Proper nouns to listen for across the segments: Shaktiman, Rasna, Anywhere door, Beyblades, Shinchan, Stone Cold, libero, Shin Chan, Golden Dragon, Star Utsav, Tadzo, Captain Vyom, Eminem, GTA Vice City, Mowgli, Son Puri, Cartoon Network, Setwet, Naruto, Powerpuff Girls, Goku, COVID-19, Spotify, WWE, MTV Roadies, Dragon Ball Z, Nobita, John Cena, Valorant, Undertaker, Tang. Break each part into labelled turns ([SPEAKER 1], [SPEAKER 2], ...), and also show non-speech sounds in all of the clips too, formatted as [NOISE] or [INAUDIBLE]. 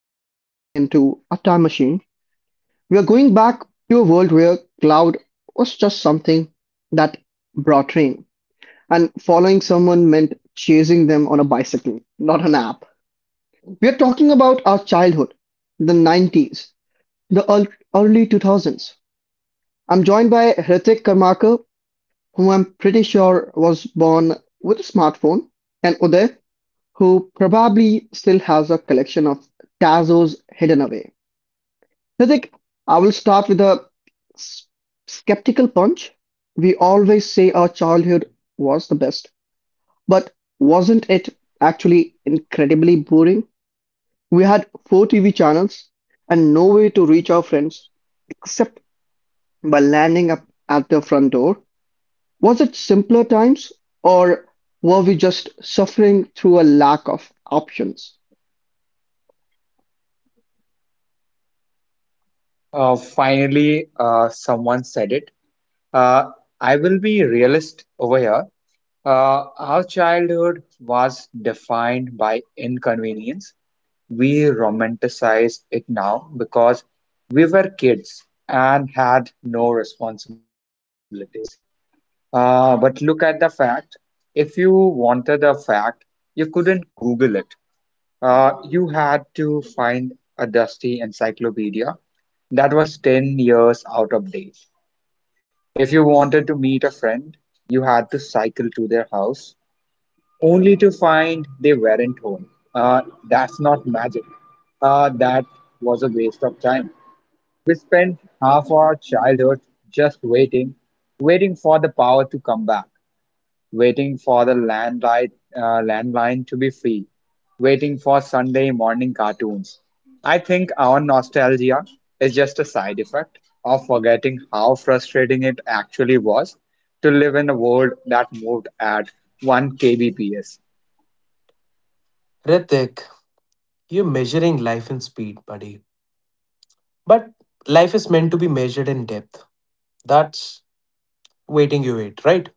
[SPEAKER 1] we are stepping into a time machine. We are going back to a world where cloud was just something that brought rain, and following someone meant chasing them on a bicycle, not an app. We are talking about our childhood, the 90s, the early 2000s. I'm joined by Hrithik Karmakar, who I'm pretty sure was born with a smartphone, and Uday, who probably still has a collection of Tazos hidden away. Hrithik, I will start with a s- skeptical punch. We always say our childhood was the best, but wasn't it actually incredibly boring? We had four TV channels and no way to reach our friends except by landing up at their front door. Was it simpler times or were we just suffering through a lack of options?
[SPEAKER 2] Someone said it. Uh, I will be realist here. Our childhood was defined by inconvenience. We romanticize it now because we were kids and had no responsibilities. But look at the fact. If you wanted the fact, you couldn't Google it. You had to find a dusty encyclopedia that was 10 years out of date. If you wanted to meet a friend, you had to cycle to their house, only to find they weren't home. Uh, that's not magic. That was a waste of time. We spent half our childhood just waiting, waiting for the power to come back, waiting for the landline to be free, waiting for Sunday morning cartoons. I think our nostalgia is just a side effect of forgetting how frustrating it actually was to live in a world that moved at 1 kbps.
[SPEAKER 3] Ritik, you're measuring life in speed, buddy. But life is meant to be measured in depth. That's waiting you wait, right?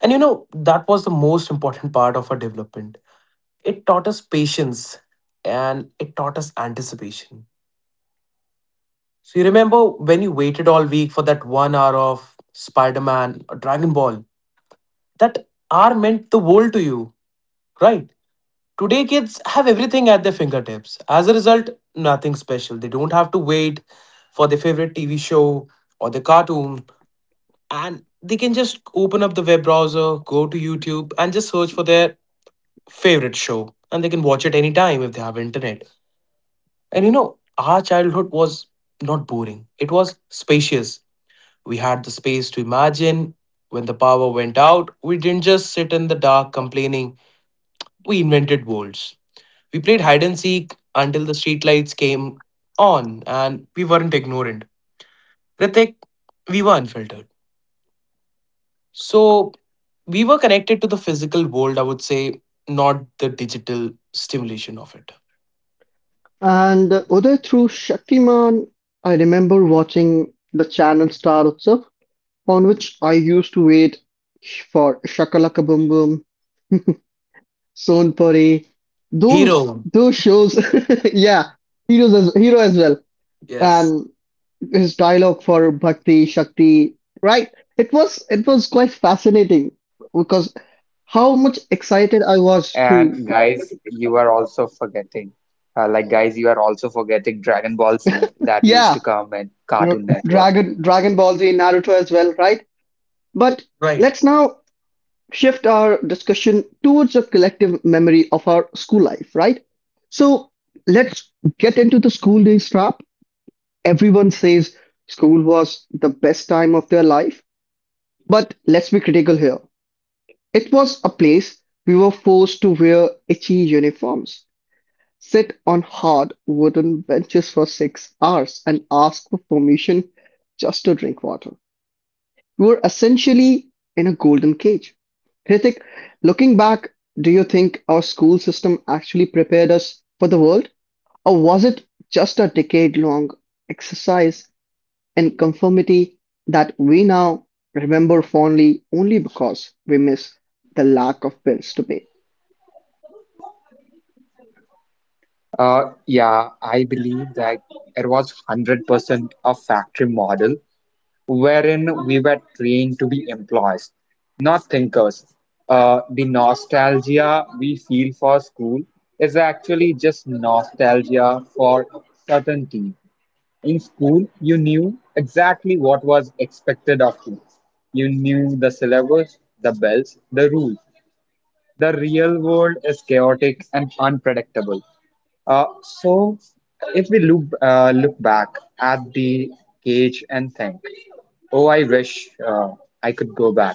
[SPEAKER 3] That was the most important part of our development. It taught us patience and it taught us anticipation. So you remember when you waited all week for that 1 hour of Spider Man or Dragon Ball? That hour meant the world to you, right? Today, kids have everything at their fingertips. As a result, nothing special. They don't have to wait for their favorite TV show or the cartoon, and they can just open up the web browser, go to YouTube, and just search for their favorite show, and they can watch it anytime if they have internet. Our childhood was not boring, it was spacious. We had the space to imagine. When the power went out, we didn't just sit in the dark complaining, we invented worlds. We played hide and seek until the streetlights came on, and we weren't ignorant. Ritik, we were unfiltered. So we were connected to the physical world, I would say, not the digital stimulation of it.
[SPEAKER 1] And Uday, through Shaktiman, I remember watching the channel Star Utsav, on which I used to wait for Shakalaka Boom Boom, Son Puri, those
[SPEAKER 3] Hero.
[SPEAKER 1] those shows. [LAUGHS] Yeah, heroes as hero as well.
[SPEAKER 3] Yes.
[SPEAKER 1] And his dialogue for Bhakti, Shakti, right? It was quite fascinating because how much excited I was to
[SPEAKER 2] And guys, you are also forgetting, Dragon Ball Z that
[SPEAKER 1] yeah,
[SPEAKER 2] used to come in
[SPEAKER 1] R-
[SPEAKER 2] Cartoon Network.
[SPEAKER 1] Dragon Dragon Ball Z, Naruto as well, right? But
[SPEAKER 3] Right.
[SPEAKER 1] let's now shift our discussion towards the collective memory of our school life, right? So let's get into the school days trap. Everyone says school was the best time of their life, but let's be critical here. It was a place we were forced to wear itchy uniforms, sit on hard wooden benches for six hours, and ask for permission just to drink water. We were essentially in a golden cage. Hrithik, looking back, do you think our school system actually prepared us for the world? Or was it just a decade long exercise in conformity that we now remember fondly only because we miss the lack of bills to pay?
[SPEAKER 2] Yeah, I believe that it was 100% a factory model wherein we were trained to be employees, not thinkers. The nostalgia we feel for school is actually just nostalgia for certainty. In school, you knew exactly what was expected of you. You knew the syllabus, the bells, the rules. The real world is chaotic and unpredictable. So, we look back at the cage and think, oh, I wish I could go back.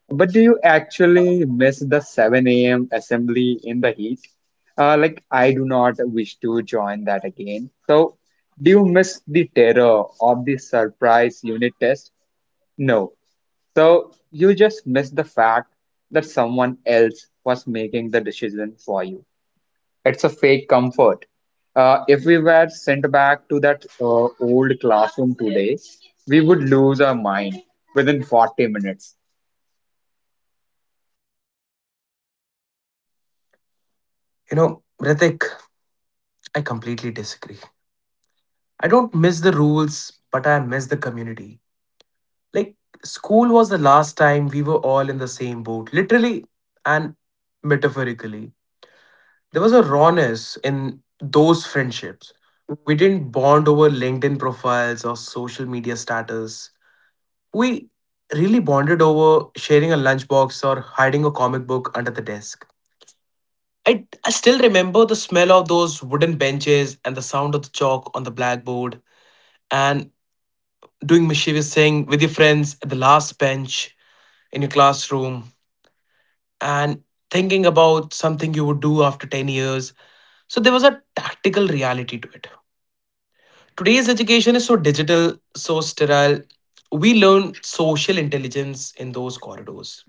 [SPEAKER 2] But do you actually miss the 7 a.m. assembly in the heat? Like, I do not wish to join that again. So, do you miss the terror of the surprise unit test? No. So, you just miss the fact that someone else was making the decision for you. It's a fake comfort. If we were sent back to that old classroom today, we would lose our mind within 40 minutes.
[SPEAKER 3] You know, Ritik, I completely disagree. I don't miss the rules, but I miss the community. Like, school was the last time we were all in the same boat, literally and metaphorically. There was a rawness in those friendships. We didn't bond over LinkedIn profiles or social media status. We really bonded over sharing a lunchbox or hiding a comic book under the desk. I still remember the smell of those wooden benches and the sound of the chalk on the blackboard and doing mischievous thing with your friends at the last bench in your classroom and thinking about something you would do after 10 years. So there was a tactical reality to it. Today's education is so digital, so sterile. We learn social intelligence in those corridors.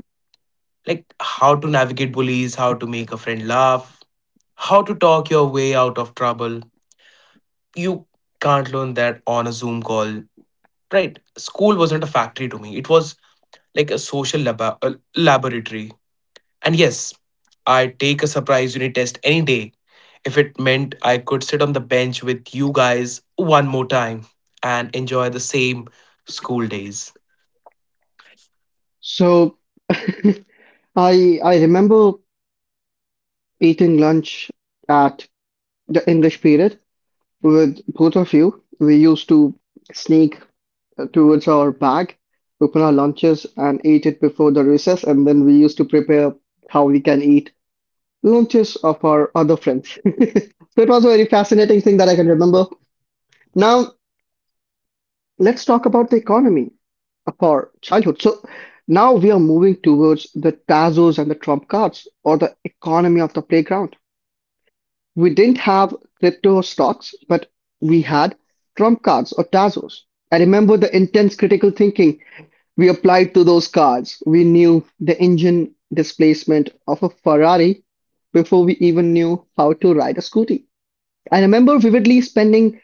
[SPEAKER 3] Like how to navigate bullies, how to make a friend laugh, how to talk your way out of trouble. You can't learn that on a Zoom call, right? School wasn't a factory to me, it was like a laboratory. And yes, I'd take a surprise unit test any day if it meant I could sit on the bench with you guys one more time and enjoy the same school days.
[SPEAKER 1] So [LAUGHS] I remember eating lunch at the English period with both of you. We used to sneak towards our bag, open our lunches and eat it before the recess, and then we used to prepare how we can eat launches of our other friends. [LAUGHS] So it was a very fascinating thing that I can remember. Now let's talk about the economy of our childhood. So now we are moving towards the Tazos and the Trump cards or the economy of the playground. We didn't have crypto or stocks, but we had Trump cards or Tazos. I remember the intense critical thinking we applied to those cards. We knew the engine displacement of a Ferrari before we even knew how to ride a scooty. I remember vividly spending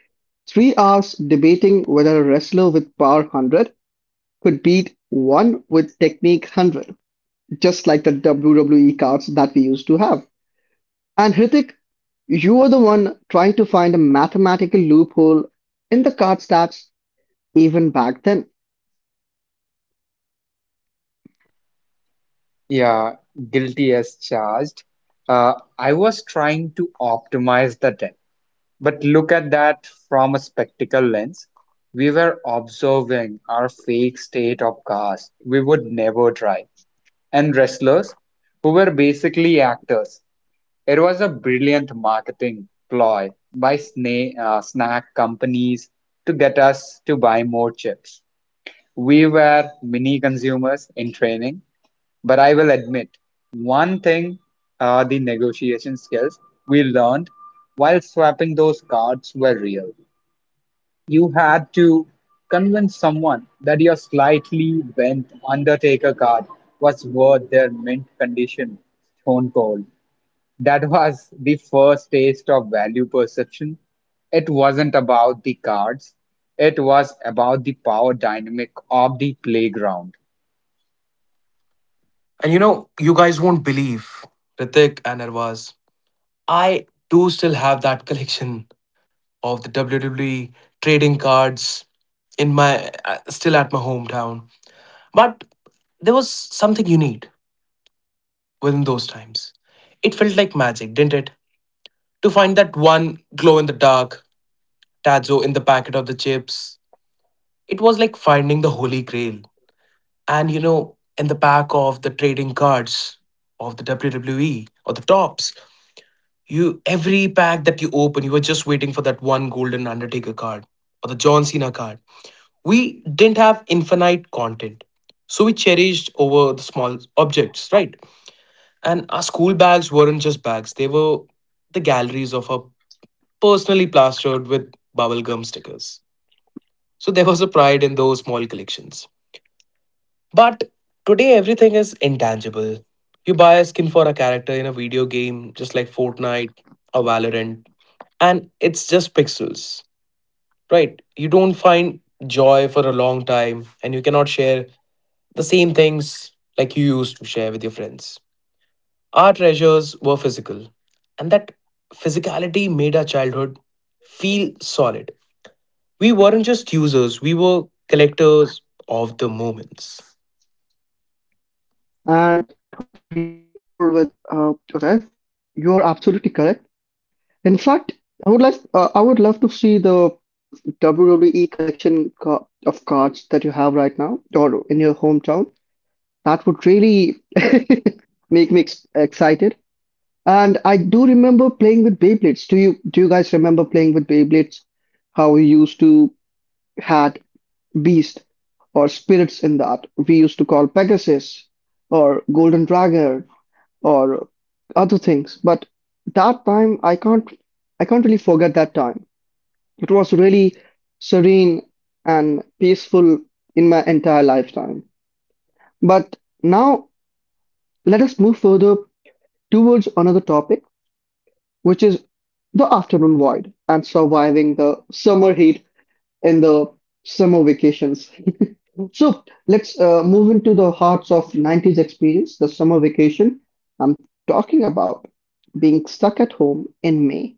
[SPEAKER 1] three hours debating whether a wrestler with power 100 could beat one with technique 100, just like the WWE cards that we used to have. And Hrithik, you were the one trying to find a mathematical loophole in the card stats even back then.
[SPEAKER 2] Yeah, guilty as charged. Uh, I was trying to optimize the depth, but look at that from a spectacle lens. We were observing our fake state of cars we would never try, and wrestlers who were basically actors. It was a brilliant marketing ploy by snack companies to get us to buy more chips. We were mini consumers in training, but I will admit one thing, the negotiation skills we learned while swapping those cards were real. You had to convince someone that your slightly bent Undertaker card was worth their mint condition, stone cold. That was the first taste of value perception. It wasn't about the cards, it was about the power dynamic of the playground.
[SPEAKER 3] You guys won't believe, Ritik and Arvaz, I do still have that collection of the WWE trading cards in my still at my hometown. But there was something unique within those times. It felt like magic, didn't it? To find that one glow in the dark Tadzo in the packet of the chips. It was like finding the holy grail. In the pack of the trading cards of the WWE or the tops, you every pack that you open, you were just waiting for that one golden Undertaker card or the John Cena card. We didn't have infinite content. So we cherished over the small objects, right? And our school bags weren't just bags, they were the galleries of our personally plastered with bubblegum stickers. So there was a pride in those small collections. But today everything is intangible. You buy a skin for a character in a video game, just like Fortnite or Valorant, and it's just pixels, right? You don't find joy for a long time, and you cannot share the same things like you used to share with your friends. Our treasures were physical, and that physicality made our childhood feel solid. We weren't just users, we were collectors of the moments.
[SPEAKER 1] And I can't agree more with Joseph. You are absolutely correct. In fact, I would love to see the WWE collection of cards that you have right now or in your hometown, that would really [LAUGHS] make me excited. And I do remember playing with Beyblades. Do you guys remember playing with Beyblades? How we used to had beast or spirits in that. We used to call Pegasus or Golden Dragon or other things. But that time I can't really forget that time. It was really serene and peaceful in my entire lifetime. But now let us move further towards another topic, which is the afternoon void and surviving the summer heat in the summer vacations. [LAUGHS] So let's move into the hearts of 90s experience, the summer vacation I'm talking about being stuck at home in May,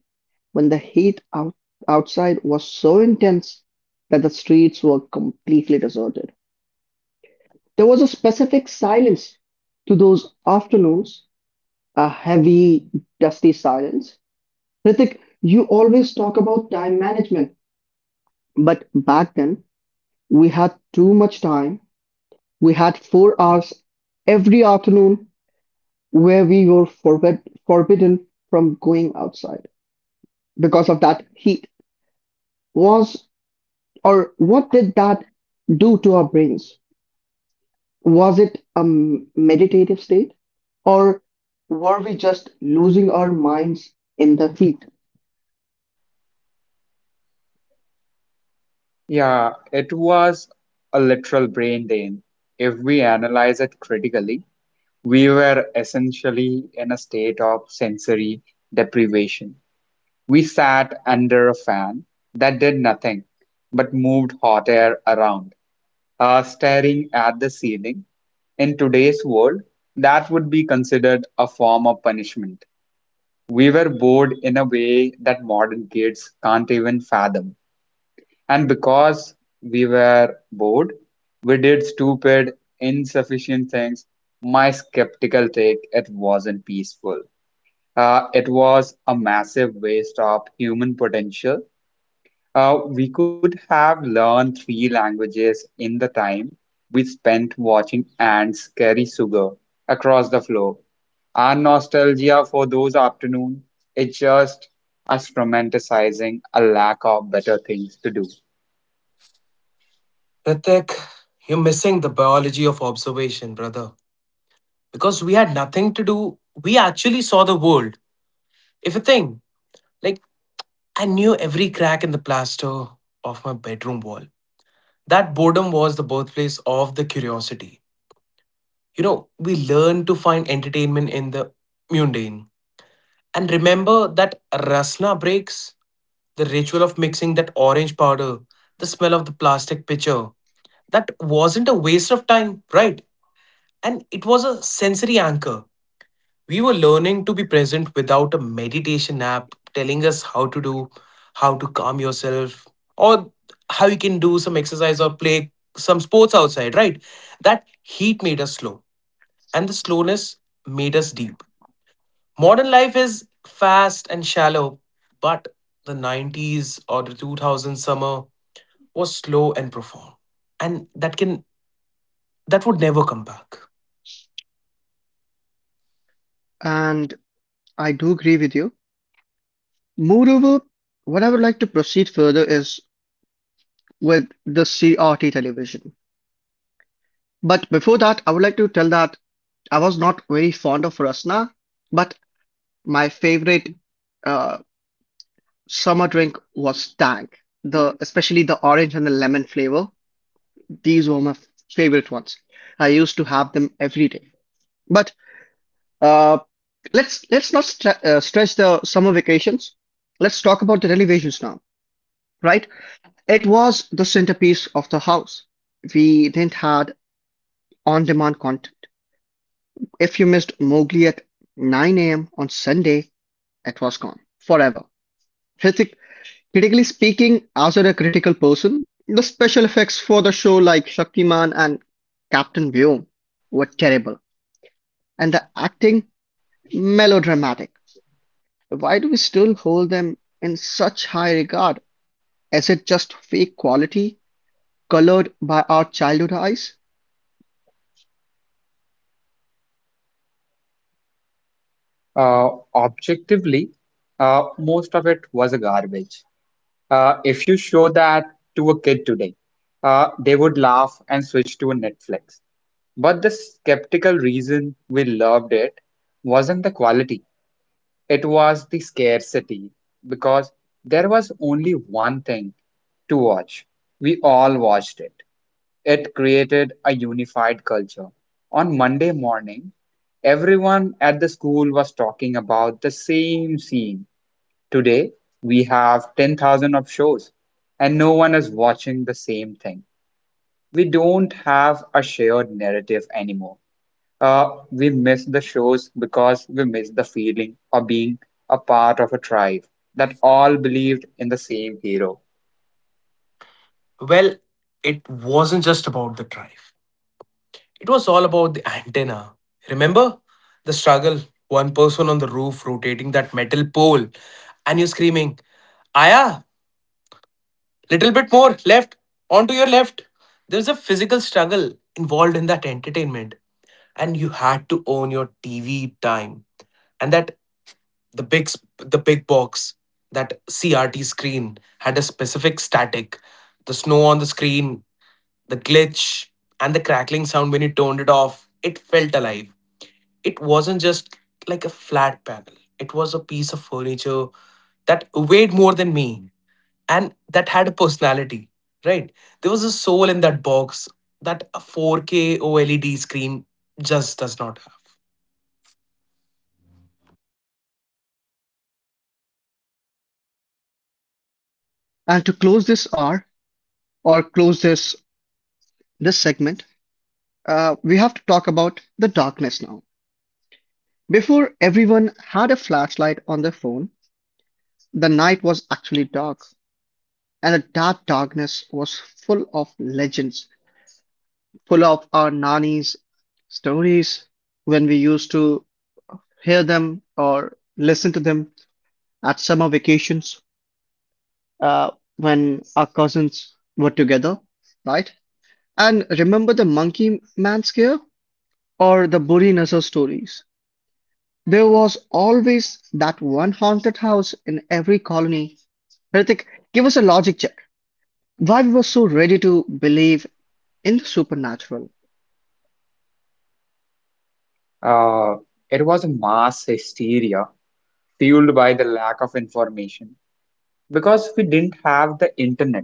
[SPEAKER 1] when the outside was so intense that the streets were completely deserted. There was a specific silence to those afternoons, a heavy, dusty silence. Ritik, you always talk about time management, but back then we had too much time. We had four hours every afternoon where we were forbidden from going outside because of that heat. Was Or what did that do to our brains? Was it a meditative state? Or were we just losing our minds in the heat?
[SPEAKER 2] Yeah, it was a literal brain drain. If we analyze it critically, we were essentially in a state of sensory deprivation. We sat under a fan that did nothing but moved hot air around, staring at the ceiling. In today's world, that would be considered a form of punishment. We were bored in a way that modern kids can't even fathom. And because we were bored, we did stupid, insufficient things. My skeptical take, it wasn't peaceful. It was a massive waste of human potential. We could have learned three languages in the time we spent watching ants carry sugar across the floor. Our nostalgia for those afternoons is just us romanticizing a lack of better things to do.
[SPEAKER 3] Ritik, you're missing the biology of observation, brother. Because we had nothing to do, we actually saw the world. If a thing, like I knew every crack in the plaster of my bedroom wall. That boredom was the birthplace of the curiosity. You know, we learn to find entertainment in the mundane. And remember that rasna breaks, the ritual of mixing that orange powder, the smell of the plastic pitcher. That wasn't a waste of time, right? And it was a sensory anchor. We were learning to be present without a meditation app telling us how to do, how to calm yourself, or how you can do some exercise or play some sports outside, right? That heat made us slow, and the slowness made us deep. Modern life is fast and shallow, but the 90s or the 2000 summer was slow and profound. And that can that would never come back.
[SPEAKER 1] And I do agree with you. Moreover, what I would like to proceed further is with the CRT television. But before that, I would like to tell that I was not very fond of Rasna, but my favorite uh, summer drink was Tang, the especially the orange and the lemon flavor. These were my favorite ones. I used to have them every day. But uh, let's not stretch the summer vacations. Let's talk about the televisions now, right? It was the centerpiece of the house. We then had on-demand content. If you missed Mowgli at 9 a.m. on Sunday, it was gone forever. Hrithik, critically speaking, as a critical person, the special effects for the show like Shaktiman and Captain Vyom were terrible, and the acting melodramatic. Why do we still hold them in such high regard? Is it just fake quality colored by our childhood eyes?
[SPEAKER 2] Uh, Objectively, most of it was a garbage. If you show that to a kid today, they would laugh and switch to a Netflix. Reason we loved it wasn't the quality, it was the scarcity, because there was only one thing to watch. We all watched it. It created a unified culture. On Monday morning, everyone at the school was talking about the same scene. Today, we have 10,000 of shows, and no one is watching the same thing. We don't have a shared narrative anymore. Miss the shows because we miss the feeling of being a part of a tribe that all believed in the same hero.
[SPEAKER 3] Well, it wasn't just about the drive. It was all about the antenna. Remember the struggle, one person on the roof rotating that metal pole and you screaming, "Aya, little bit more left, onto your left." There's a physical struggle involved in that entertainment and you had to own your TV time. And that the big box, that CRT screen had a specific static. The snow on the screen, the glitch, and the crackling sound when you turned it off, it felt alive. It wasn't just like a flat panel. It was a piece of furniture that weighed more than me and that had a personality, right? There was a soul in that box that a 4K OLED screen just does not have.
[SPEAKER 1] And to close this hour or close this segment, we have to talk about the darkness now. Before everyone had a flashlight on their phone, the night was actually dark. And the darkness was full of legends, full of our nannies' stories when we used to hear them or listen to them at summer vacations uh, when our cousins were together, right? And remember the monkey man scare or the Burinasa stories? There was always that one haunted house in every colony. Hrithik, give us a logic check. Why we were so ready to believe in the supernatural?
[SPEAKER 2] Uh, it was a mass hysteria fueled by the lack of information because we didn't have the internet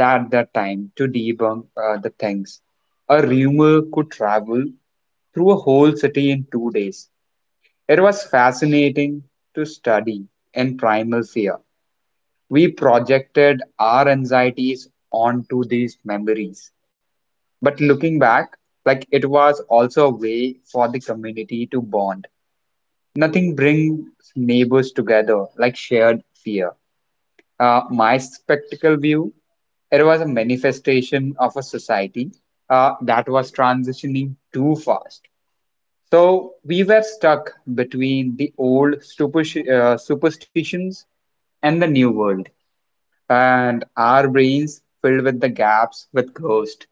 [SPEAKER 2] at that time to debunk the things. A rumor could travel through a whole city in 2 days. It was fascinating to study in primal fear. We projected our anxieties onto these memories. But looking back, like, it was also a way for the community to bond. Nothing brings neighbors together like shared fear. My spectacle view, it was a manifestation of a society that was transitioning too fast. So we were stuck between the old superstitions and the new world, and our brains filled with the gaps with ghost.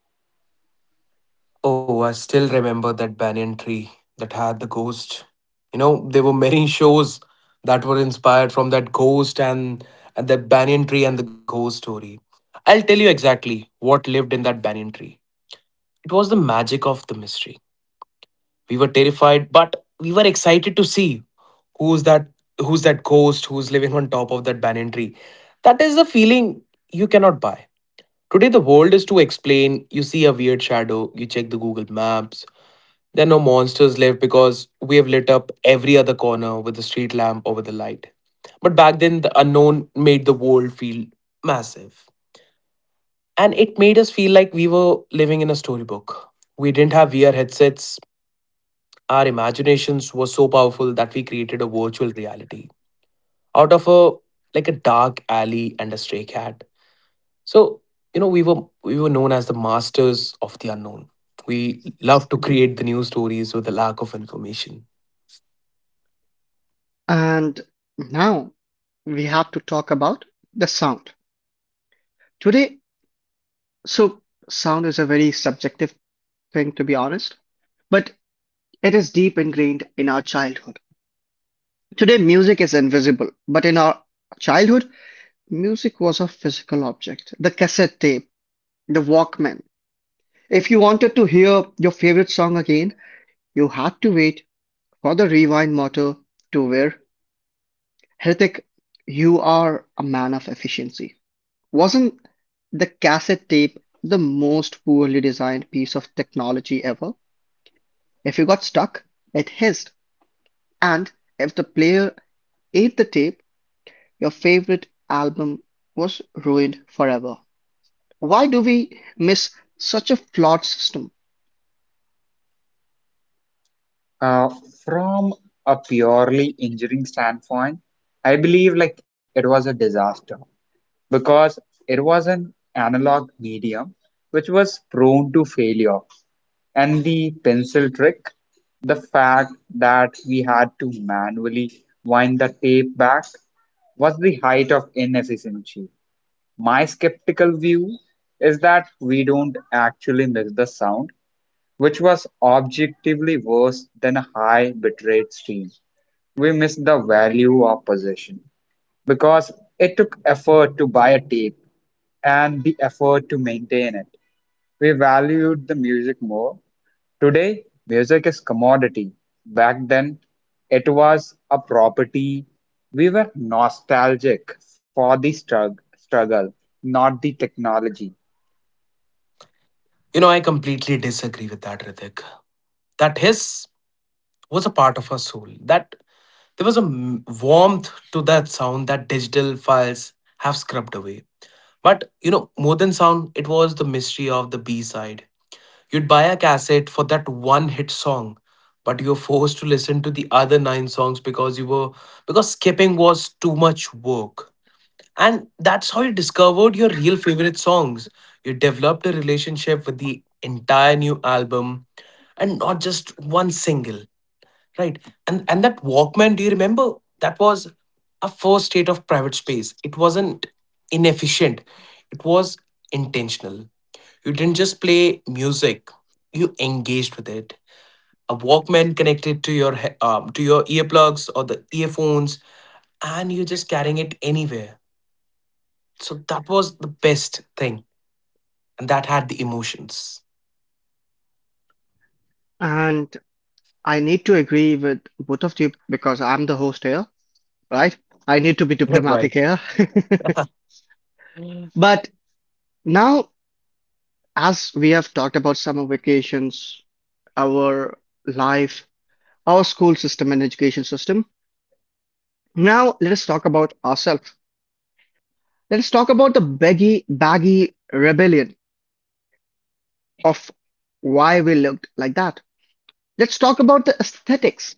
[SPEAKER 3] Oh, I still remember that banyan tree that had the ghost. You know, there were many shows that were inspired from that ghost and the banyan tree and the ghost story. I'll tell you exactly what lived in that banyan tree. It was the magic of the mystery. We were terrified, but we were excited to see who's that who's that ghost who's living on top of that banyan tree. That is a feeling you cannot buy. Today the world is to explain. You see a weird shadow, you check the Google Maps, there are no monsters left because we have lit up every other corner with a street lamp or with a light. But back then, the unknown made the world feel massive. And it made us feel like we were living in a storybook. We didn't have VR headsets. Our imaginations were so powerful that we created a virtual reality out of a like a dark alley and a stray cat. So, you know, we were known as the masters of the unknown. We love to create the new stories with a lack of information.
[SPEAKER 1] And now we have to talk about the sound. Today, so sound is a very subjective thing, to be honest, but it is deep ingrained in our childhood. Today, music is invisible, but in our childhood, music was a physical object. The cassette tape, the Walkman. If you wanted to hear your favorite song again, you had to wait for the rewind motor to wear. Hrithik, you are a man of efficiency. Wasn't the cassette tape the most poorly designed piece of technology ever? If you got stuck, it hissed, and if the player ate the tape, your favorite album was ruined forever. Why do we miss such a flawed system?
[SPEAKER 2] Uh, from a purely engineering standpoint, I believe like it was a disaster because it was an analog medium which was prone to failure. And the pencil trick, the fact that we had to manually wind the tape back was the height of inefficiency. My skeptical view is that we don't actually miss the sound, which was objectively worse than a high bitrate stream. We missed the value of possession because it took effort to buy a tape and the effort to maintain it. We valued the music more. Today, music is commodity. Back then, it was a property. We were nostalgic for the struggle, not the technology.
[SPEAKER 3] You know, I completely disagree with that, Ritik. That hiss was a part of our soul. That there was a warmth to that sound that digital files have scrubbed away. But you know, more than sound, it was the mystery of the B side. You'd buy a cassette for that one hit song, but you're forced to listen to the other nine songs because you were because skipping was too much work. And that's how you discovered your real favorite songs. You developed a relationship with the entire new album and not just one single, right? And that Walkman, do you remember? That was a first state of private space. It wasn't inefficient. It was intentional. You didn't just play music, you engaged with it. A Walkman connected to to your earplugs or the earphones and you're just carrying it anywhere, so that was the best thing. And that had the emotions.
[SPEAKER 1] And I need to agree with both of you because I'm the host here, right? I need
[SPEAKER 3] [LAUGHS]
[SPEAKER 1] to
[SPEAKER 3] Yeah,
[SPEAKER 1] be
[SPEAKER 3] right.
[SPEAKER 1] diplomatic here. [LAUGHS] But now, as we have talked about summer vacations, our life, our school system and education system. Now let us talk about ourselves. Let us talk about the baggy rebellion of why we looked like that. Let's talk about the aesthetics.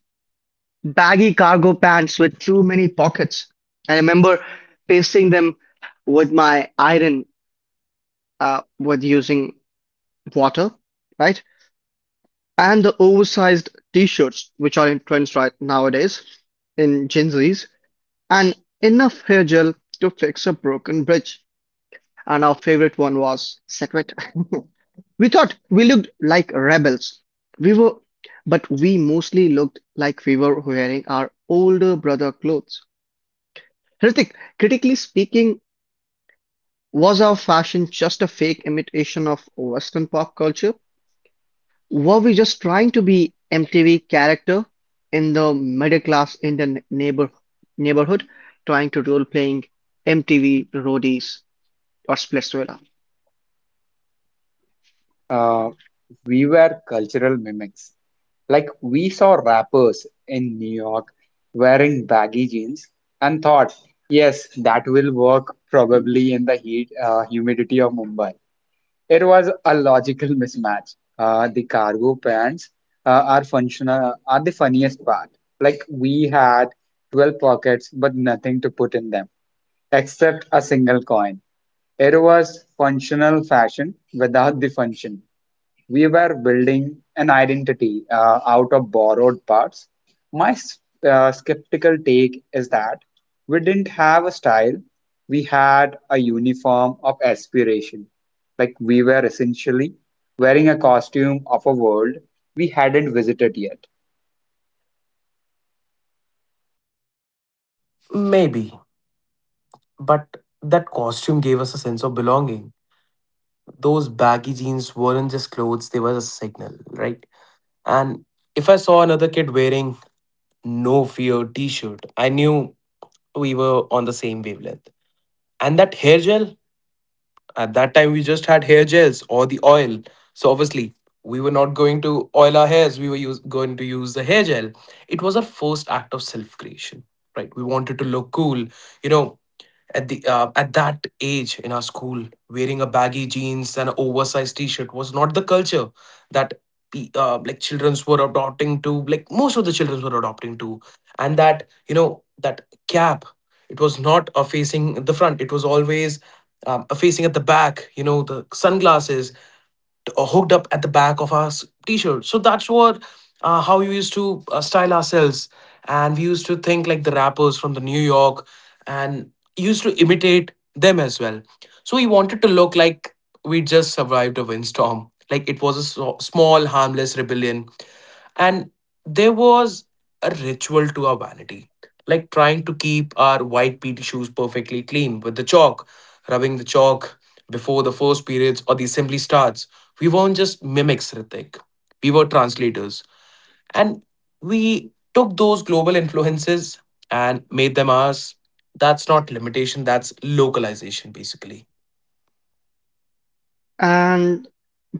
[SPEAKER 1] Baggy cargo pants with too many pockets. I remember pasting them with my iron with using water, right? And the oversized T-shirts which are in trends right nowadays in Gen Zs, and enough hair gel to fix a broken bridge. And our favorite one was Setwet. [LAUGHS] We thought we looked like rebels. We were, but we mostly looked like we were wearing our older brother clothes. Hrithik, critically speaking, was our fashion just a fake imitation of Western pop culture? Were we just trying to be MTV character in the middle class in the neighborhood, trying to role playing MTV Roadies or Splitsvilla?
[SPEAKER 2] Uh, we were cultural mimics. Like we saw rappers in New York wearing baggy jeans and thought, yes, that will work probably in the heat, humidity of Mumbai. It was a logical [LAUGHS] mismatch. The cargo pants are functional, are the funniest part. Like we had 12 pockets but nothing to put in them except a single coin. It was functional fashion without the function. We were building an identity out of borrowed parts. My skeptical take is that we didn't have a style, we had a uniform of aspiration. Like we were essentially wearing a costume of a world we hadn't visited yet.
[SPEAKER 3] Maybe. But that costume gave us a sense of belonging. Those baggy jeans weren't just clothes, they were a signal, right? And if I saw another kid wearing no fear t shirt, I knew we were on the same wavelength. And that hair gel, at that time, we just had hair gels or the oil. So obviously, we were not going to oil our hairs. Going to use the hair gel. It was our first act of self creation, right? We wanted to look cool. You know, at that age in our school, wearing a baggy jeans and an oversized T-shirt was not the culture that like childrens were adopting to. Like most of the childrens were adopting to, and that you know that cap, it was not a facing at the front. It was always a facing at the back. You know the sunglasses hooked up at the back of our t-shirt, so that's what how we used to style ourselves, and we used to think like the rappers from the new york and used to imitate them as well, so we wanted to look like we just survived a windstorm, like it was a small harmless rebellion. And there was a ritual to our vanity, like trying to keep our white PT shoes perfectly clean with the chalk, rubbing the chalk before the first periods or the assembly starts. We weren't just mimics, Ritik. We were translators. And we took those global influences and made them ours. That's not limitation, that's localization, basically.
[SPEAKER 1] And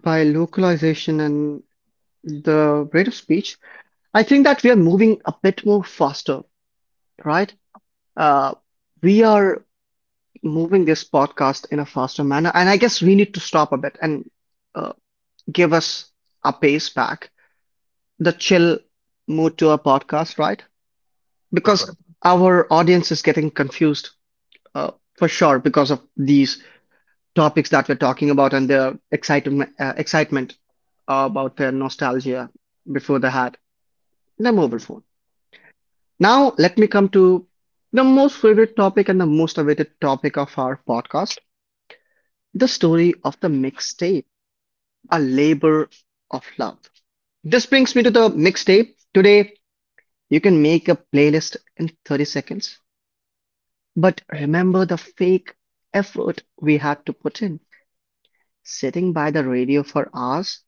[SPEAKER 1] by localization and the rate of speech, I think that we are moving a bit more faster, right? Uh, we are moving this podcast in a faster manner. And I guess we need to stop a bit and uh, give us our pace back, the chill mood to our podcast, right?
[SPEAKER 3] Right.
[SPEAKER 1] Because our audience is getting confused uh, for sure because of these topics that we're talking about and their excitement, about their nostalgia before they had their mobile phone. Now, let me come to the most favorite topic and the most awaited topic of our podcast, the story of the mixtape, a labor of love. This brings me to the mixtape. Today, you can make a playlist in 30 seconds. But remember the fake effort we had to put in, sitting by the radio for hours,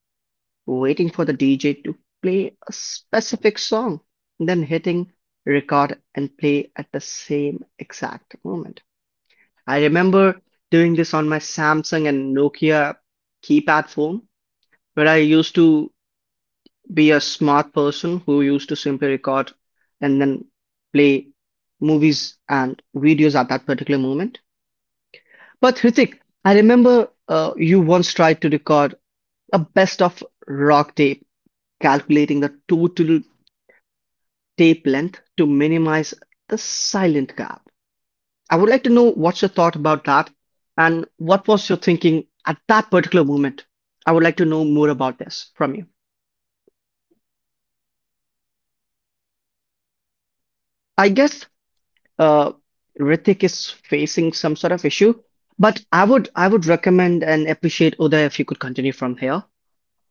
[SPEAKER 1] waiting for the DJ to play a specific song, then hitting record and play at the same exact moment. I remember doing this on my Samsung and Nokia keypad phone where I used to be a smart person who used to simply record and then play movies and videos at that particular moment. But Hrithik, I remember you once tried to record a best of rock tape, calculating the total tape length to minimize the silent gap. I would like to know what's your thought about that and what was your thinking at that particular moment. I would like to know more about this from you. I guess uh, Rithik is facing some sort of issue. But I would recommend and appreciate Uday if you could continue from here.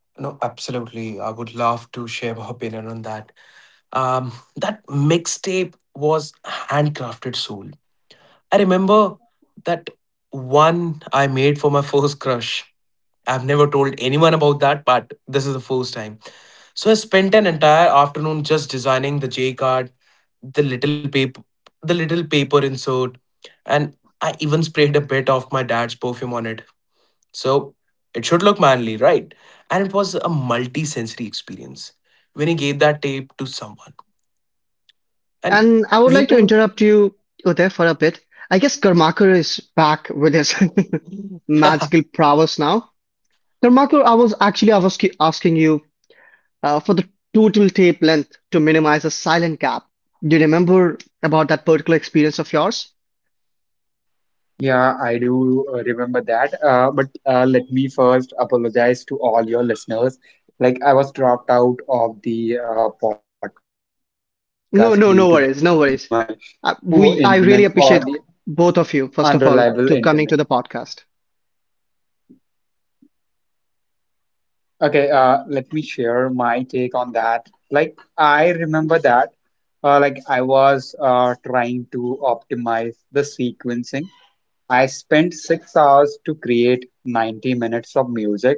[SPEAKER 3] No, absolutely. I would love to share my opinion on that. That mixtape was handcrafted soul. I remember that one I made for my first crush. I've never told anyone about that, but this is the first time. So I spent an entire afternoon just designing the J card, the little paper, the little paper insert, and I even sprayed a bit of my dad's perfume on it. So it should look manly, right? And it was a multi-sensory experience when he gave that tape to someone. And
[SPEAKER 1] And I would like
[SPEAKER 3] you
[SPEAKER 1] to interrupt you, Uday, for a bit. I guess Karmakar is back with his [LAUGHS] magical
[SPEAKER 3] [LAUGHS]
[SPEAKER 1] prowess now. Karmakar, I was actually I was ki- asking you for the total tape length to minimize the silent gap. Do you remember about that particular experience of yours?
[SPEAKER 2] Yeah, I do remember that. But let me first apologize to all your listeners. Like, I was dropped out of the podcast due to
[SPEAKER 1] No,
[SPEAKER 2] the
[SPEAKER 1] no, no
[SPEAKER 2] my
[SPEAKER 1] worries, no worries.
[SPEAKER 2] poor internet or the
[SPEAKER 1] I really appreciate both
[SPEAKER 2] unreliable
[SPEAKER 1] of you, first
[SPEAKER 2] internet.
[SPEAKER 1] of all, to coming to the podcast.
[SPEAKER 2] Okay, let me share my take on that. Like, I remember that. I was trying to optimize the sequencing. I spent 6 hours to create 90 minutes of music.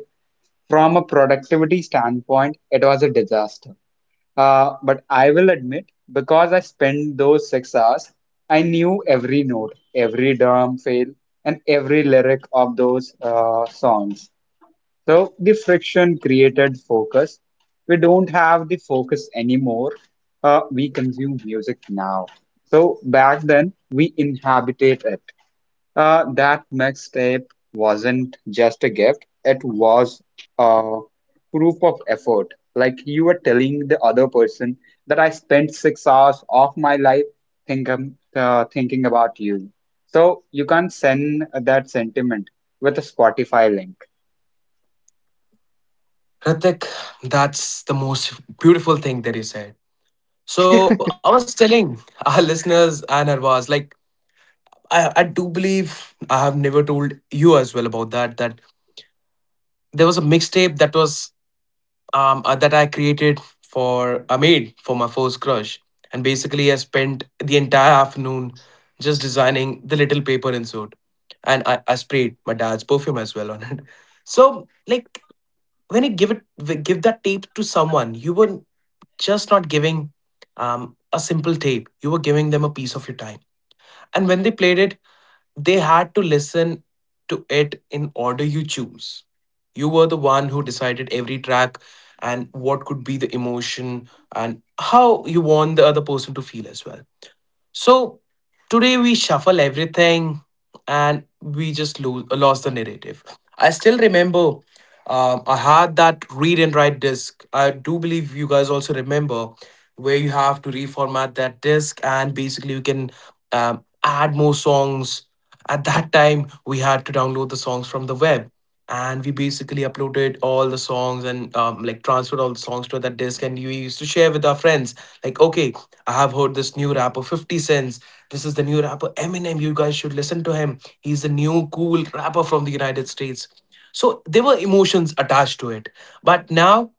[SPEAKER 2] From a productivity standpoint, it was a disaster. But I will admit, because I spent those 6 hours, I knew every note, every drum fail, and every of those songs. So the friction created focus. We don't have the focus anymore. We consume music now. So back then, we inhabited it. That mixtape wasn't it was a proof of effort. Like you were telling the other person that I spent 6 hours of my life thinking about you. So you can't send that sentiment with a Spotify link.
[SPEAKER 3] Hrithik, that's the most beautiful thing that you said. So I
[SPEAKER 1] [LAUGHS]
[SPEAKER 3] was telling our [LAUGHS] listeners and Arvaz, like I do believe I have never told you as well about that. That there was a mixtape that was that I created for I made for my first crush, and basically I spent the entire afternoon just designing the little paper insert, and I sprayed my dad's perfume as well on it. [LAUGHS] So, like, when you give that tape to someone, you were just not giving a simple tape. You were giving them a piece of your time. And when they played it, they had to listen to it in order you choose. You were the one who decided every track and what could be the emotion and how you want the other person to feel as well. So today we shuffle everything and we just lost the narrative. I still remember, I had that read and write disk. I do believe you guys also remember where you have to reformat that disk and basically you can add more songs. At that time, we had to download the songs from the web, and we basically uploaded all the songs, and like transferred all the songs to that disc, and we used to share with our friends, like, okay, I have heard this new rapper 50 cents. This is the new rapper Eminem. You guys should listen to him, he's the new cool rapper from the United States. So there were emotions attached to it. But now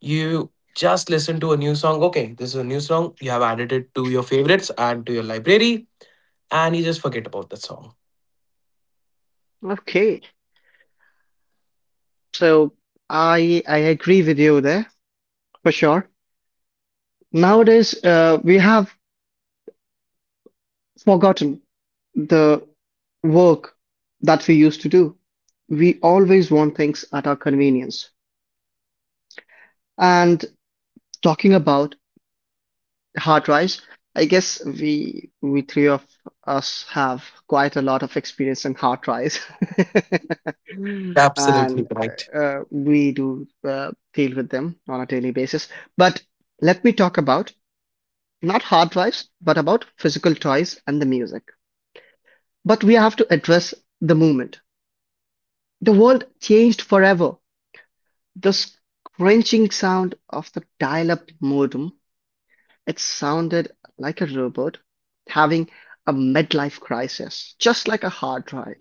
[SPEAKER 3] you just listen to a new song. Okay, this is a new song, you have added it to your favorites, add to your library, and you just forget about the song.
[SPEAKER 1] Okay, so I agree with you there for sure. Nowadays, we have forgotten the work that we used to do. We always want things at our convenience. And talking about hard drives, I guess we three of us have quite a lot of experience in hard drives,
[SPEAKER 3] You're
[SPEAKER 1] [LAUGHS] and
[SPEAKER 3] absolutely right.
[SPEAKER 1] we do deal with them on a daily basis. But let me talk about not hard drives, but about physical toys and the music. But we have to address the movement. The world changed forever. The scrunching sound of the dial up modem, it sounded like a robot having a midlife crisis, just like a hard drive.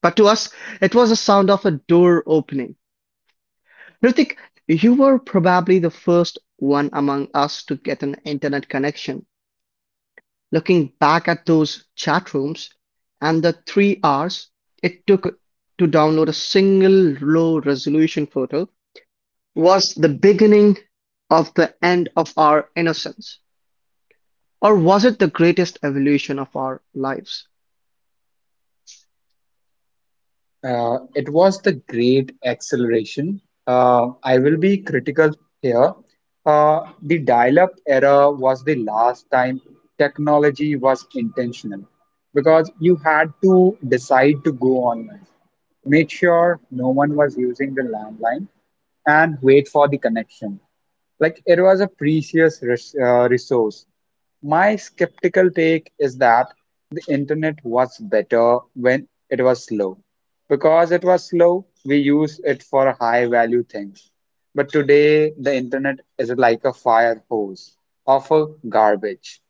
[SPEAKER 1] But to us, it was the sound of a door opening. Ritik, you were probably the first one among us to get an internet connection. Looking back at those chat rooms and the 3 hours it took to download a single low resolution photo was the beginning of the end of our innocence. Or was it the greatest evolution of our lives?
[SPEAKER 2] It was the great acceleration. I will be critical here. The dial-up era was the last time technology was intentional because you had to decide to go online, make sure no one was using the landline, and wait for the connection. Like it was a precious resource. My skeptical take is that the internet was better when it was slow. Because it was slow, we use it for high value things. But today, the internet is like a fire hose of a garbage.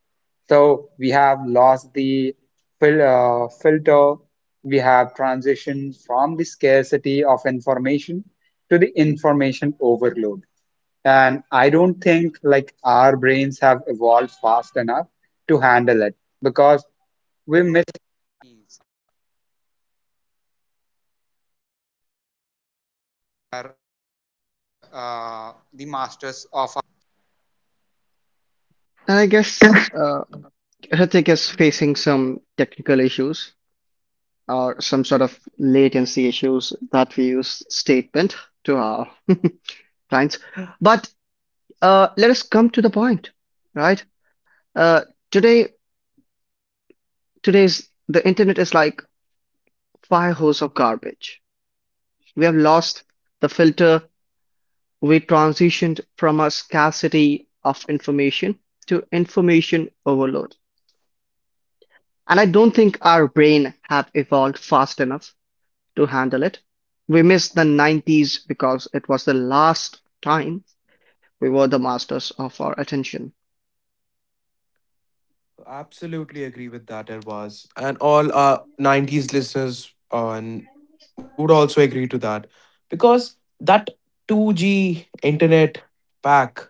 [SPEAKER 2] So we have lost the filter. We have transitioned from the scarcity of information to the information overload. And I don't think like our brains have evolved fast enough to handle it because we—
[SPEAKER 1] And I guess Hrithik is facing some technical issues or some sort of latency issues that we use statement to our [LAUGHS] clients. But let us come to the point, right? Uh, today, today's the internet is like fire hose of garbage. We have lost the filter. We transitioned from a scarcity of information to information overload. And I don't think our brain have evolved fast enough to handle it. We missed the 90s because it was the last time we were the masters of our attention.
[SPEAKER 3] Absolutely agree with that, Irwaz. And all our 90s listeners on would also agree to that. Because that 2G internet pack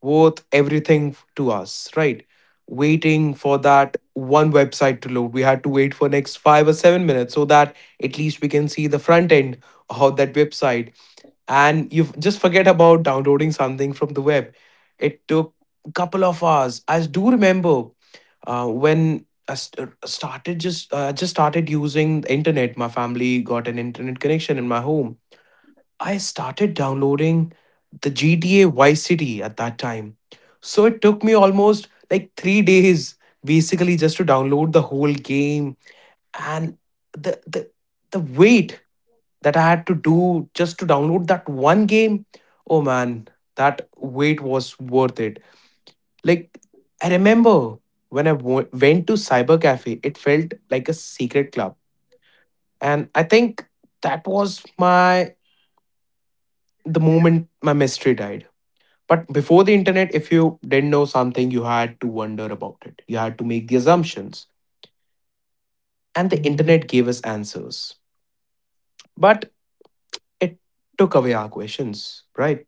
[SPEAKER 3] worth everything to us, right? Waiting for that one website to load. We had to wait for next 5 or 7 minutes so that at least we can see the front end of that website. And you just forget about downloading something from the web. It took a couple of hours, I do remember, when I st- started just started using the internet. My family got an internet connection in my home. I started downloading the GTA Vice City at that time, so it took me almost like 3 days basically just to download the whole game. And the the the weight that I had to do just to download that one game. Oh man, that wait was worth it. Like, I remember when I went to Cyber Cafe, it felt like a secret club. And I think that was my the moment my mystery died. But before the internet, if you didn't know something, you had to wonder about it. You had to make the assumptions. And the internet gave us answers. But it took away our questions, right?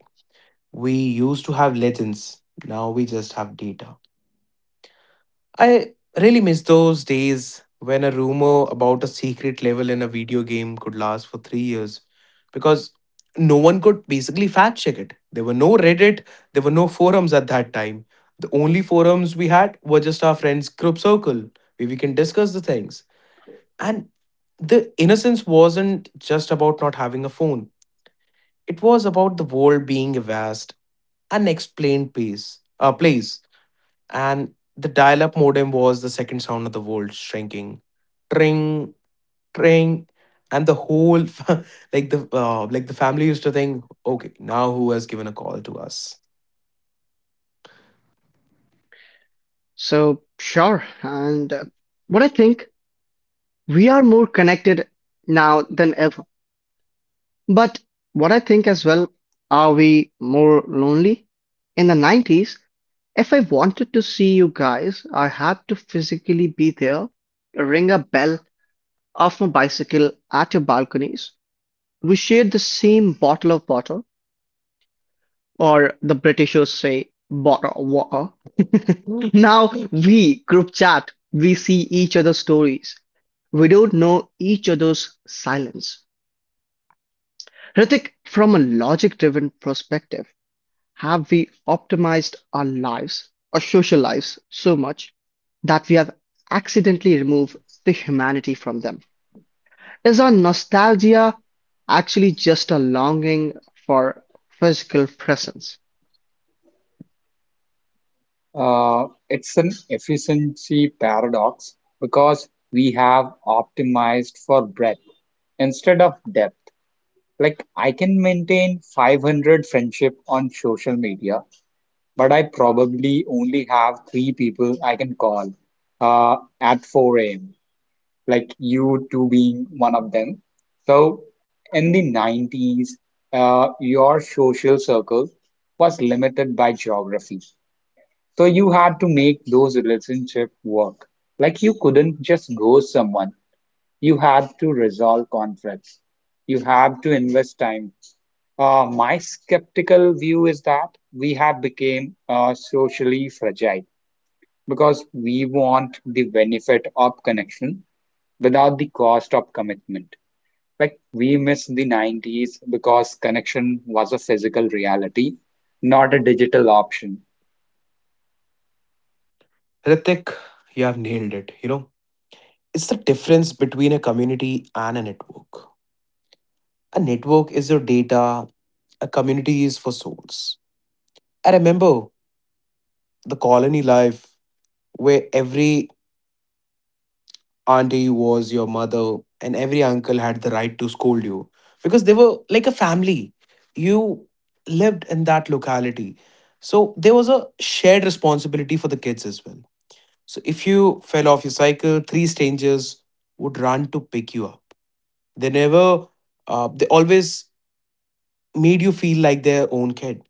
[SPEAKER 3] We used to have legends, now we just have data. I really miss those days when a rumor about a secret level in a video game could last for 3 years, because no one could basically fact check it. There were no Reddit, there were no forums at that time. The only forums we had were just our friends' group circle where we can discuss the things. And the innocence wasn't just about not having a phone, it was about the world being a vast, unexplained place. And the dial-up modem was the second sound of the world shrinking. Tring, tring. And the whole [LAUGHS] the family used to think, okay, now who has given a call to us.
[SPEAKER 1] So, sure. And what I think, we are more connected now than ever. But what I think as well, are we more lonely? In the 90s, if I wanted to see you guys, I had to physically be there, ring a bell off my bicycle at your balconies. We shared the same bottle of water, or the Britishers say, bottle of water. [LAUGHS] Now we group chat, we see each other's stories. We don't know each other's silence. Hrithik, from a logic driven perspective, have we optimized our lives or social lives so much that we have accidentally removed the humanity from them? Is our nostalgia actually just a longing for physical presence?
[SPEAKER 2] It's an efficiency paradox because we have optimized for breadth instead of depth. Like, I can maintain 500 friendship on social media, but I probably only have three people I can call at 4 a.m., like you two being one of them. So, in the 90s, your social circle was limited by geography, so you had to make those relationship work. Like you couldn't just ghost someone. You had to resolve conflicts. You have to invest time. My skeptical view is that we have become socially fragile because we want the benefit of connection without the cost of commitment. Like we miss the 90s because connection was a physical reality, not a digital option.
[SPEAKER 3] Ritik, you have nailed it. You know, it's the difference between a community and a network. A network is your data, a community is for souls. I remember the colony life where every auntie was your mother, and every uncle had the right to scold you because they were like a family. You lived in that locality. So there was a shared responsibility for the kids as well. So if you fell off your cycle, three strangers would run to pick you up. They never, they always made you feel like their own kid.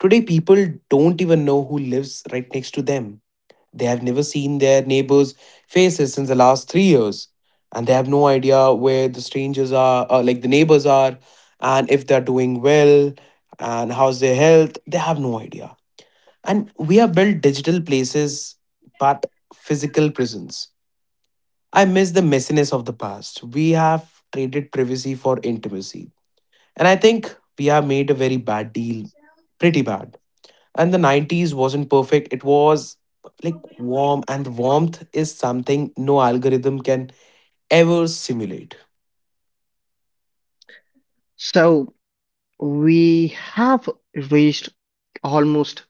[SPEAKER 3] Today, people don't even know who lives right next to them. They have never seen their neighbors' faces since the last 3 years, and they have no idea where the neighbors are, and if they're doing well, and how's their health. They have no idea. And we have built digital places, but physical prisons. I miss the messiness of the past. We have traded privacy for intimacy. And I think we have made a very bad deal. Pretty bad. And the 90s wasn't perfect, it was like warm, and the warmth is something no algorithm can ever simulate.
[SPEAKER 1] So we have reached almost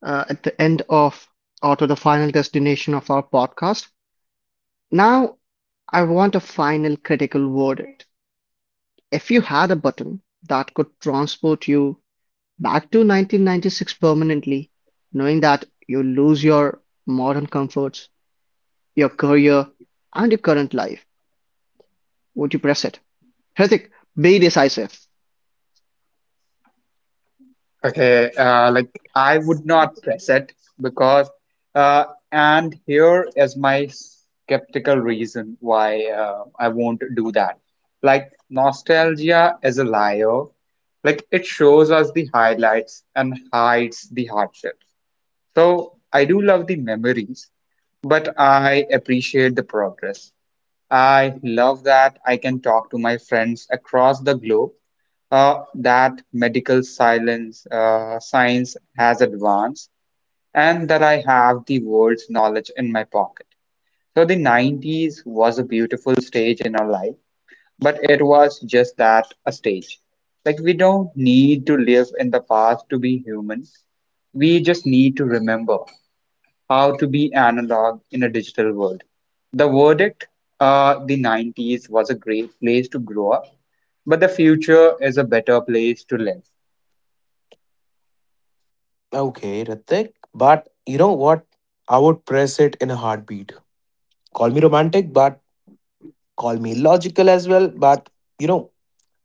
[SPEAKER 1] at the end of or to the final destination of our podcast. Now I want a final critical word. If you had a button that could transport you back to 1996 permanently, knowing that you lose your modern comforts, your career, and your current life, would you press it? Hrithik, be decisive.
[SPEAKER 2] Okay, like I would not press it because, uh, and here is my skeptical reason why I won't do that. Like, nostalgia is a liar. Like, it shows us the highlights and hides the hardships. So, I do love the memories, but I appreciate the progress. I love that I can talk to my friends across the globe, that medical silence, science has advanced, and that I have the world's knowledge in my pocket. So the 90s was a beautiful stage in our life, but it was just that, a stage. Like, we don't need to live in the past to be human. We just need to remember how to be analog in a digital world. The verdict, the 90s was a great place to grow up, but the future is a better place to live.
[SPEAKER 3] Okay, Ratik, but you know what, I would press it in a heartbeat. Call me romantic, but call me logical as well. But you know,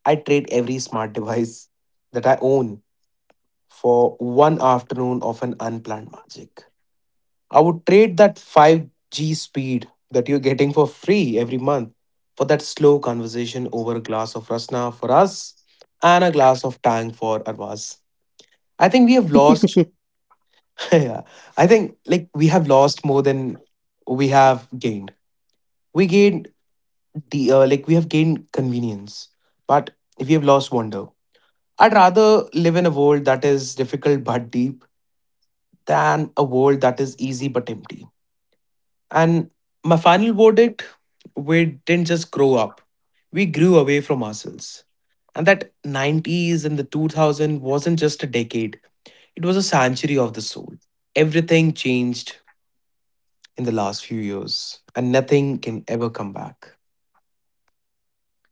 [SPEAKER 3] I trade every smart device that I own for one afternoon of an unplanned magic. I would trade that 5G speed that you're getting for free every month for that slow conversation over a glass of Rasna for us and a glass of Tang for Arvaz. I think we have lost,
[SPEAKER 1] [LAUGHS]
[SPEAKER 3] [LAUGHS] yeah, I think like we have lost more than we have gained. We gained like, we have gained convenience, but we have lost wonder. I'd rather live in a world that is difficult but deep than a world that is easy but empty. And my final verdict, we didn't just grow up, we grew away from ourselves. And that 90s and the 2000 wasn't just a decade, it was a sanctuary of the soul. Everything changed in the last few years, and nothing can ever come back.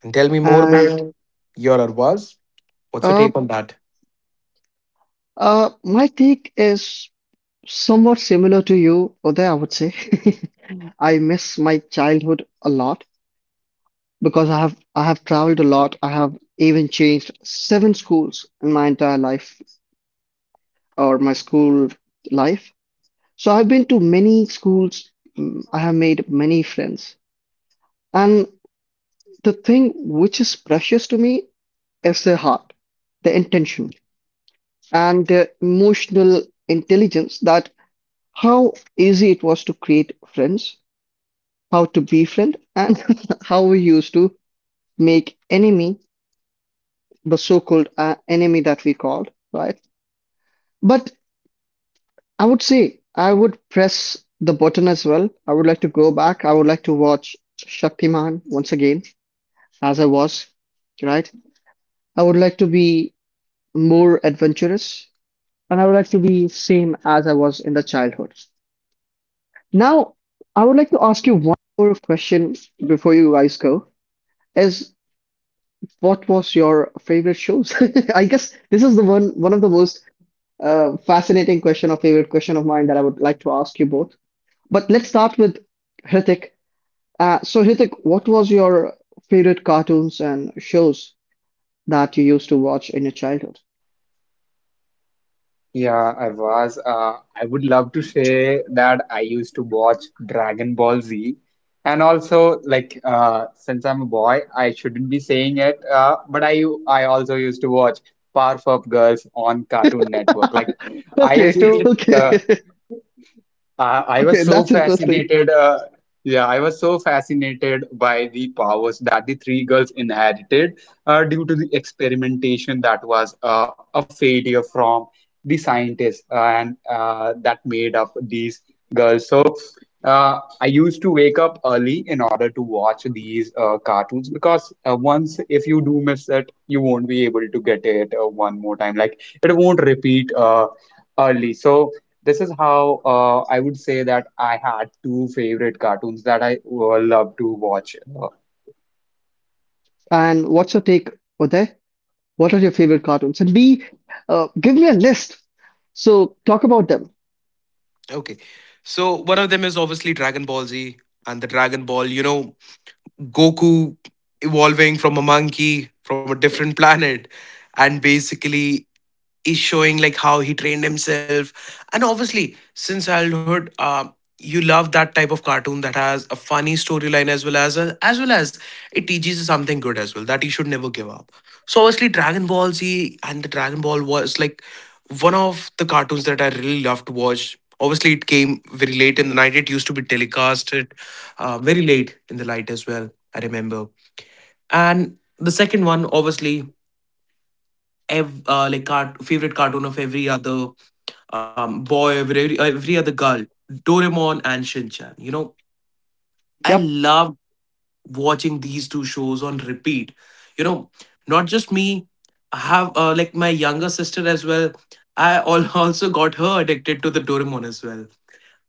[SPEAKER 3] And tell me more
[SPEAKER 1] And
[SPEAKER 3] about your Arvaz. What's your
[SPEAKER 1] uh,
[SPEAKER 3] take on that?
[SPEAKER 1] my take is somewhat similar to you, Uday, I would say. [LAUGHS] I miss my childhood a lot because I have traveled a lot. I have even changed seven schools in my entire life, or my school life. So I've been to many schools, I have made many friends. And the thing which is precious to me is the heart, the intention, and the emotional intelligence that how easy it was to create friends, how to befriend, and [LAUGHS] how we used to make enemy, the so-called enemy that we called, right? But I would say I would press the button as well. I would like to go back. I would like to watch Shaktiman once again, as I was, right? I would like to be more adventurous and I would like to be same as I was in the childhood. Now, I would like to ask you one more question before you guys go is what was your favorite shows? [LAUGHS] I guess this is the one of the most fascinating question or favorite question of mine that I would like to ask you both. But let's start with Hrithik. So Hithik, what was your favorite cartoons and shows that you used to watch in your childhood? [LAUGHS]
[SPEAKER 2] Yeah, I was. I would love to say that I used to watch Dragon Ball Z. And also, like, since I'm a boy, I shouldn't be saying it, but I also used to watch Powerpuff Girls on Cartoon Network. Like, I
[SPEAKER 1] Okay,
[SPEAKER 2] used to
[SPEAKER 3] [LAUGHS]
[SPEAKER 1] okay,
[SPEAKER 2] uh,
[SPEAKER 1] [LAUGHS]
[SPEAKER 2] I
[SPEAKER 1] okay,
[SPEAKER 2] was so
[SPEAKER 1] that's interesting.
[SPEAKER 2] fascinated. Yeah, I was so fascinated by the powers that the three girls inherited due to the experimentation that was a failure from the scientists, and that made up these girls. So I used to wake up early in order to watch these cartoons, because once you do miss it, you won't be able to get it one more time. Like it won't repeat early. So, this is how I would say that I had two favorite cartoons that I love to watch.
[SPEAKER 1] And what's your take, Uday? What are your favorite cartoons? And be give me a list. So talk about them.
[SPEAKER 3] Okay. So one of them is obviously Dragon Ball Z and the Dragon Ball, you know, Goku evolving from a monkey from a different [LAUGHS] planet and basically is showing like how he trained himself, and obviously since childhood, you love that type of cartoon that has a funny storyline, as well as it teaches you something good as well, that you should never give up. So obviously Dragon Ball Z and the Dragon Ball was like one of the cartoons that I really loved to watch. Obviously it came very late in the night, it used to be telecasted, very late in the night as well, I remember. And the second one, obviously, favorite cartoon of every other boy, over every other girl, Doraemon and Shin Chan. You know, I
[SPEAKER 1] Yep.
[SPEAKER 3] loved watching these two shows on repeat. You know, not just me, I have, like, my younger sister as well. I [LAUGHS] also got her addicted to the Doraemon as well.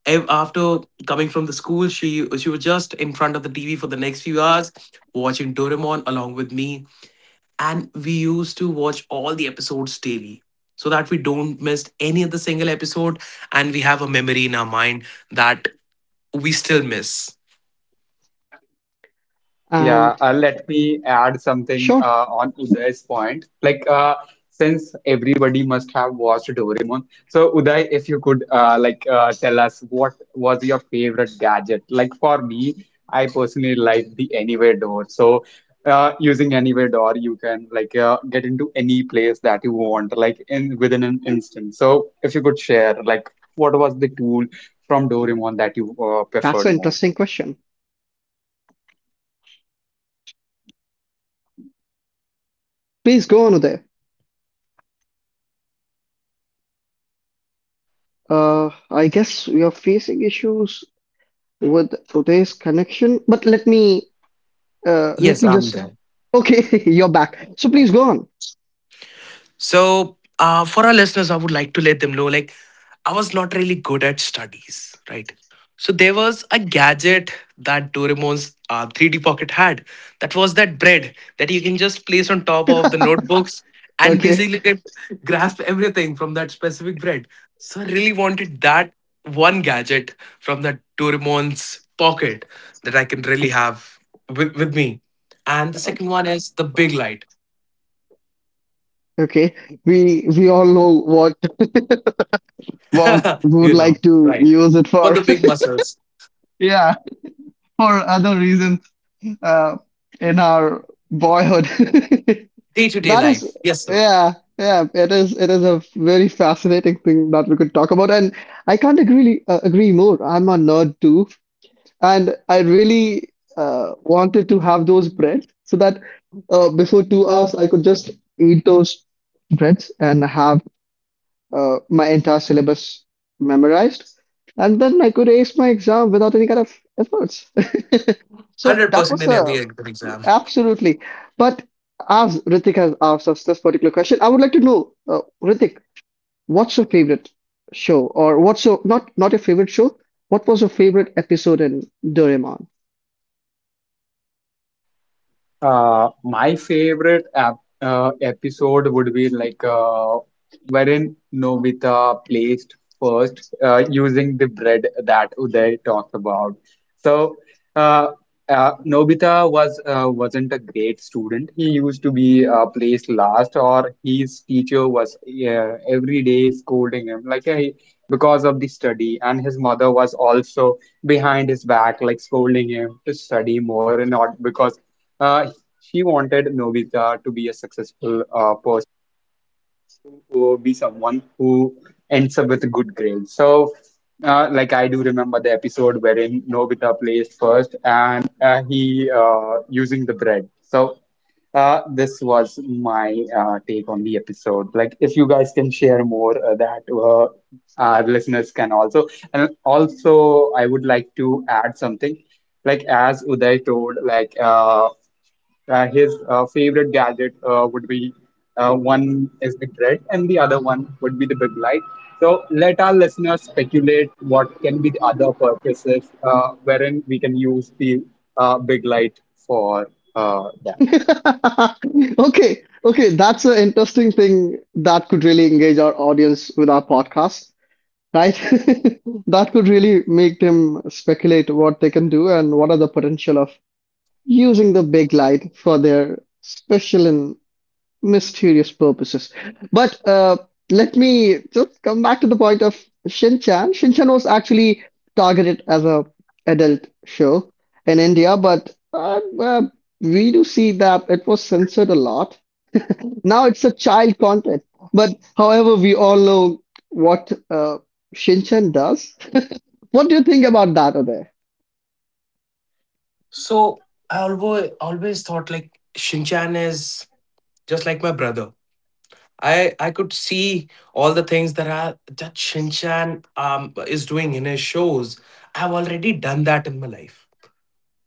[SPEAKER 3] After coming from the school, she was just in front of the TV for the next few hours watching Doraemon along with me, and we used to watch all the episodes daily so that we don't miss any of the single episode, and we have a memory in our mind that we still miss.
[SPEAKER 2] Yeah,
[SPEAKER 1] And
[SPEAKER 2] let me add something
[SPEAKER 1] sure,
[SPEAKER 2] on Uday's point. Since everybody must have watched Doraemon, so Uday, if you could tell us what was your favorite gadget? Like for me, I personally like the Anywhere door. So, using Anywhere door, you can like get into any place that you want, like, in within an instant. So, if you could share, like, what was the tool from Doraemon that you
[SPEAKER 1] that's
[SPEAKER 2] preferred
[SPEAKER 1] an
[SPEAKER 2] more?
[SPEAKER 1] interesting question. Please go on there. I guess we are facing issues with today's connection, but let me uh, let
[SPEAKER 3] Yes,
[SPEAKER 1] me
[SPEAKER 3] I'm
[SPEAKER 1] just.
[SPEAKER 3] there.
[SPEAKER 1] Okay, [LAUGHS] you're back. So please go on.
[SPEAKER 3] So, for our listeners, I would like to let them know, like, I was not really good at studies, right? So there was a gadget that Doraemon's 3D pocket had. That was that bread that you can just place on top of the notebooks, and
[SPEAKER 1] Okay,
[SPEAKER 3] basically grasp everything from that specific bread. So I really wanted that one gadget from that Doraemon's pocket that I can really have with me. And the second one is the big light.
[SPEAKER 1] okay. We all know what
[SPEAKER 3] [LAUGHS]
[SPEAKER 1] we would
[SPEAKER 3] You know,
[SPEAKER 1] like to
[SPEAKER 3] right?
[SPEAKER 1] use it
[SPEAKER 3] For
[SPEAKER 1] for.
[SPEAKER 3] the
[SPEAKER 1] [LAUGHS]
[SPEAKER 3] big muscles,
[SPEAKER 1] Yeah, for other reasons. uh, in our boyhood. [LAUGHS]
[SPEAKER 3] day to day
[SPEAKER 1] That is,
[SPEAKER 3] life. Yes, sir.
[SPEAKER 1] yeah, yeah. It is. It is a very fascinating thing that we could talk about, and I can't agree more. I'm a nerd too, and I really wanted to have those breads so that before 2 hours I could just eat those breads and have my entire syllabus memorized, and then I could ace my exam without any kind of efforts. [LAUGHS]
[SPEAKER 3] one
[SPEAKER 1] So
[SPEAKER 3] Hundred
[SPEAKER 1] that
[SPEAKER 3] percent
[SPEAKER 1] was
[SPEAKER 3] in every
[SPEAKER 1] a
[SPEAKER 3] exam.
[SPEAKER 1] Absolutely. But as Ritik has asked us this particular question, I would like to know, Ritik, what's your favorite show, or what's your not your favorite show? What was your favorite episode in Doraemon?
[SPEAKER 2] My favorite ap episode would be like wherein Nobita placed first using the bread that Uday talked about. So uh, Nobita wasn't a great student. He used to be placed last, or his teacher was every day scolding him, like, hey, because of the study, and his mother was also behind his back like scolding him to study more and not because— Uh, she wanted Novita to be a successful person, who be someone who ends up with good grades. So, like, I do remember the episode wherein Novita plays first, and he using the bread. So, this was my take on the episode. Like, if you guys can share more, that our listeners can also. And also, I would like to add something. Like, as Uday told, like, his favorite gadget would be one is the grid, and the other one would be the big light. So let our listeners speculate what can be the other purposes wherein we can use the big light for that.
[SPEAKER 1] [LAUGHS] Okay, okay, that's an interesting thing that could really engage our audience with our podcast, right? [LAUGHS] That could really make them speculate what they can do and what are the potential of using the big light for their special and mysterious purposes. But let me just come back to the point of Shinchan. Shinchan was actually targeted as a adult show in India, but we do see that it was censored a lot. Now it's a child content. But however, we all know what Shin does. What do you think about that, Uday?
[SPEAKER 3] So I always thought like Shinchan is just like my brother. I could see all the things that Shinchan is doing in his shows. I've already done that in my life.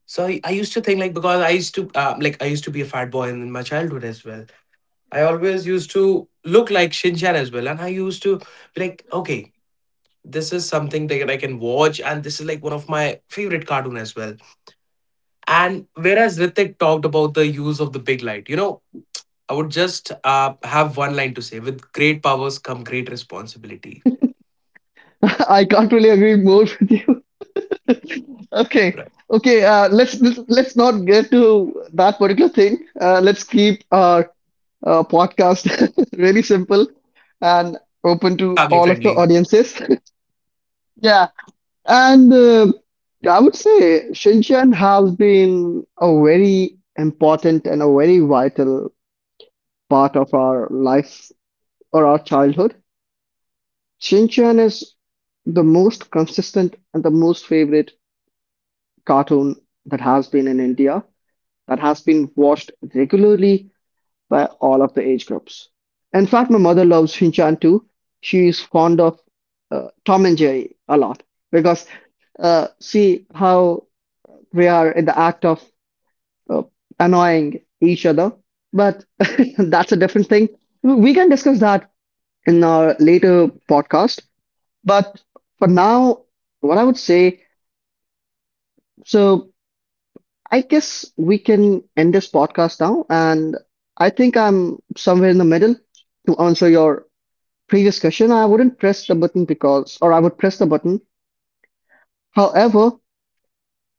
[SPEAKER 3] So I used to think, like, because I used to be a fat boy in my childhood as well. I always used to look like Shinchan as well. And I used to be like, okay, this is something that I can watch. And this is like one of my favorite cartoon as well. And whereas Ritik talked about the use of the big light, you know, I would just have one line to say, with great powers come great responsibility.
[SPEAKER 1] [LAUGHS] I can't really agree more with you. Okay,
[SPEAKER 3] Right.
[SPEAKER 1] okay. Let's not get to that particular thing. Let's keep our podcast [LAUGHS] really simple and open to all of the
[SPEAKER 3] Family-friendly.
[SPEAKER 1] audiences. [LAUGHS] Yeah, and I would say Shinchan has been a very important and a very vital part of our life or our childhood. Shinchan is the most consistent and the most favorite cartoon that has been in India, that has been watched regularly by all of the age groups. In fact, my mother loves Shinchan too. She is fond of Tom and Jerry a lot because see how we are in the act of uh, annoying each other. But [LAUGHS] that's a different thing. We can discuss that in our later podcast. But for now, what I would say, so I guess we can end this podcast now. And I think I'm somewhere in the middle to answer your previous question. I wouldn't press the button because, or I would press the button. However,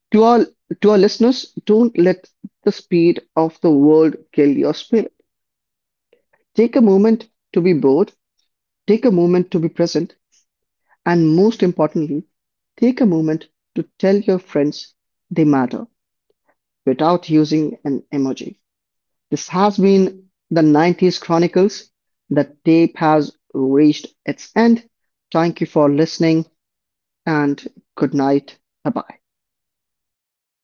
[SPEAKER 1] to our to our listeners, don't let the speed of the world kill your spirit. Take a moment to be bored, take a moment to be present, and most importantly, take a moment to tell your friends they matter without using an emoji. This has been the 90s Chronicles. The tape has reached its end. Thank you for listening and good night. Bye bye.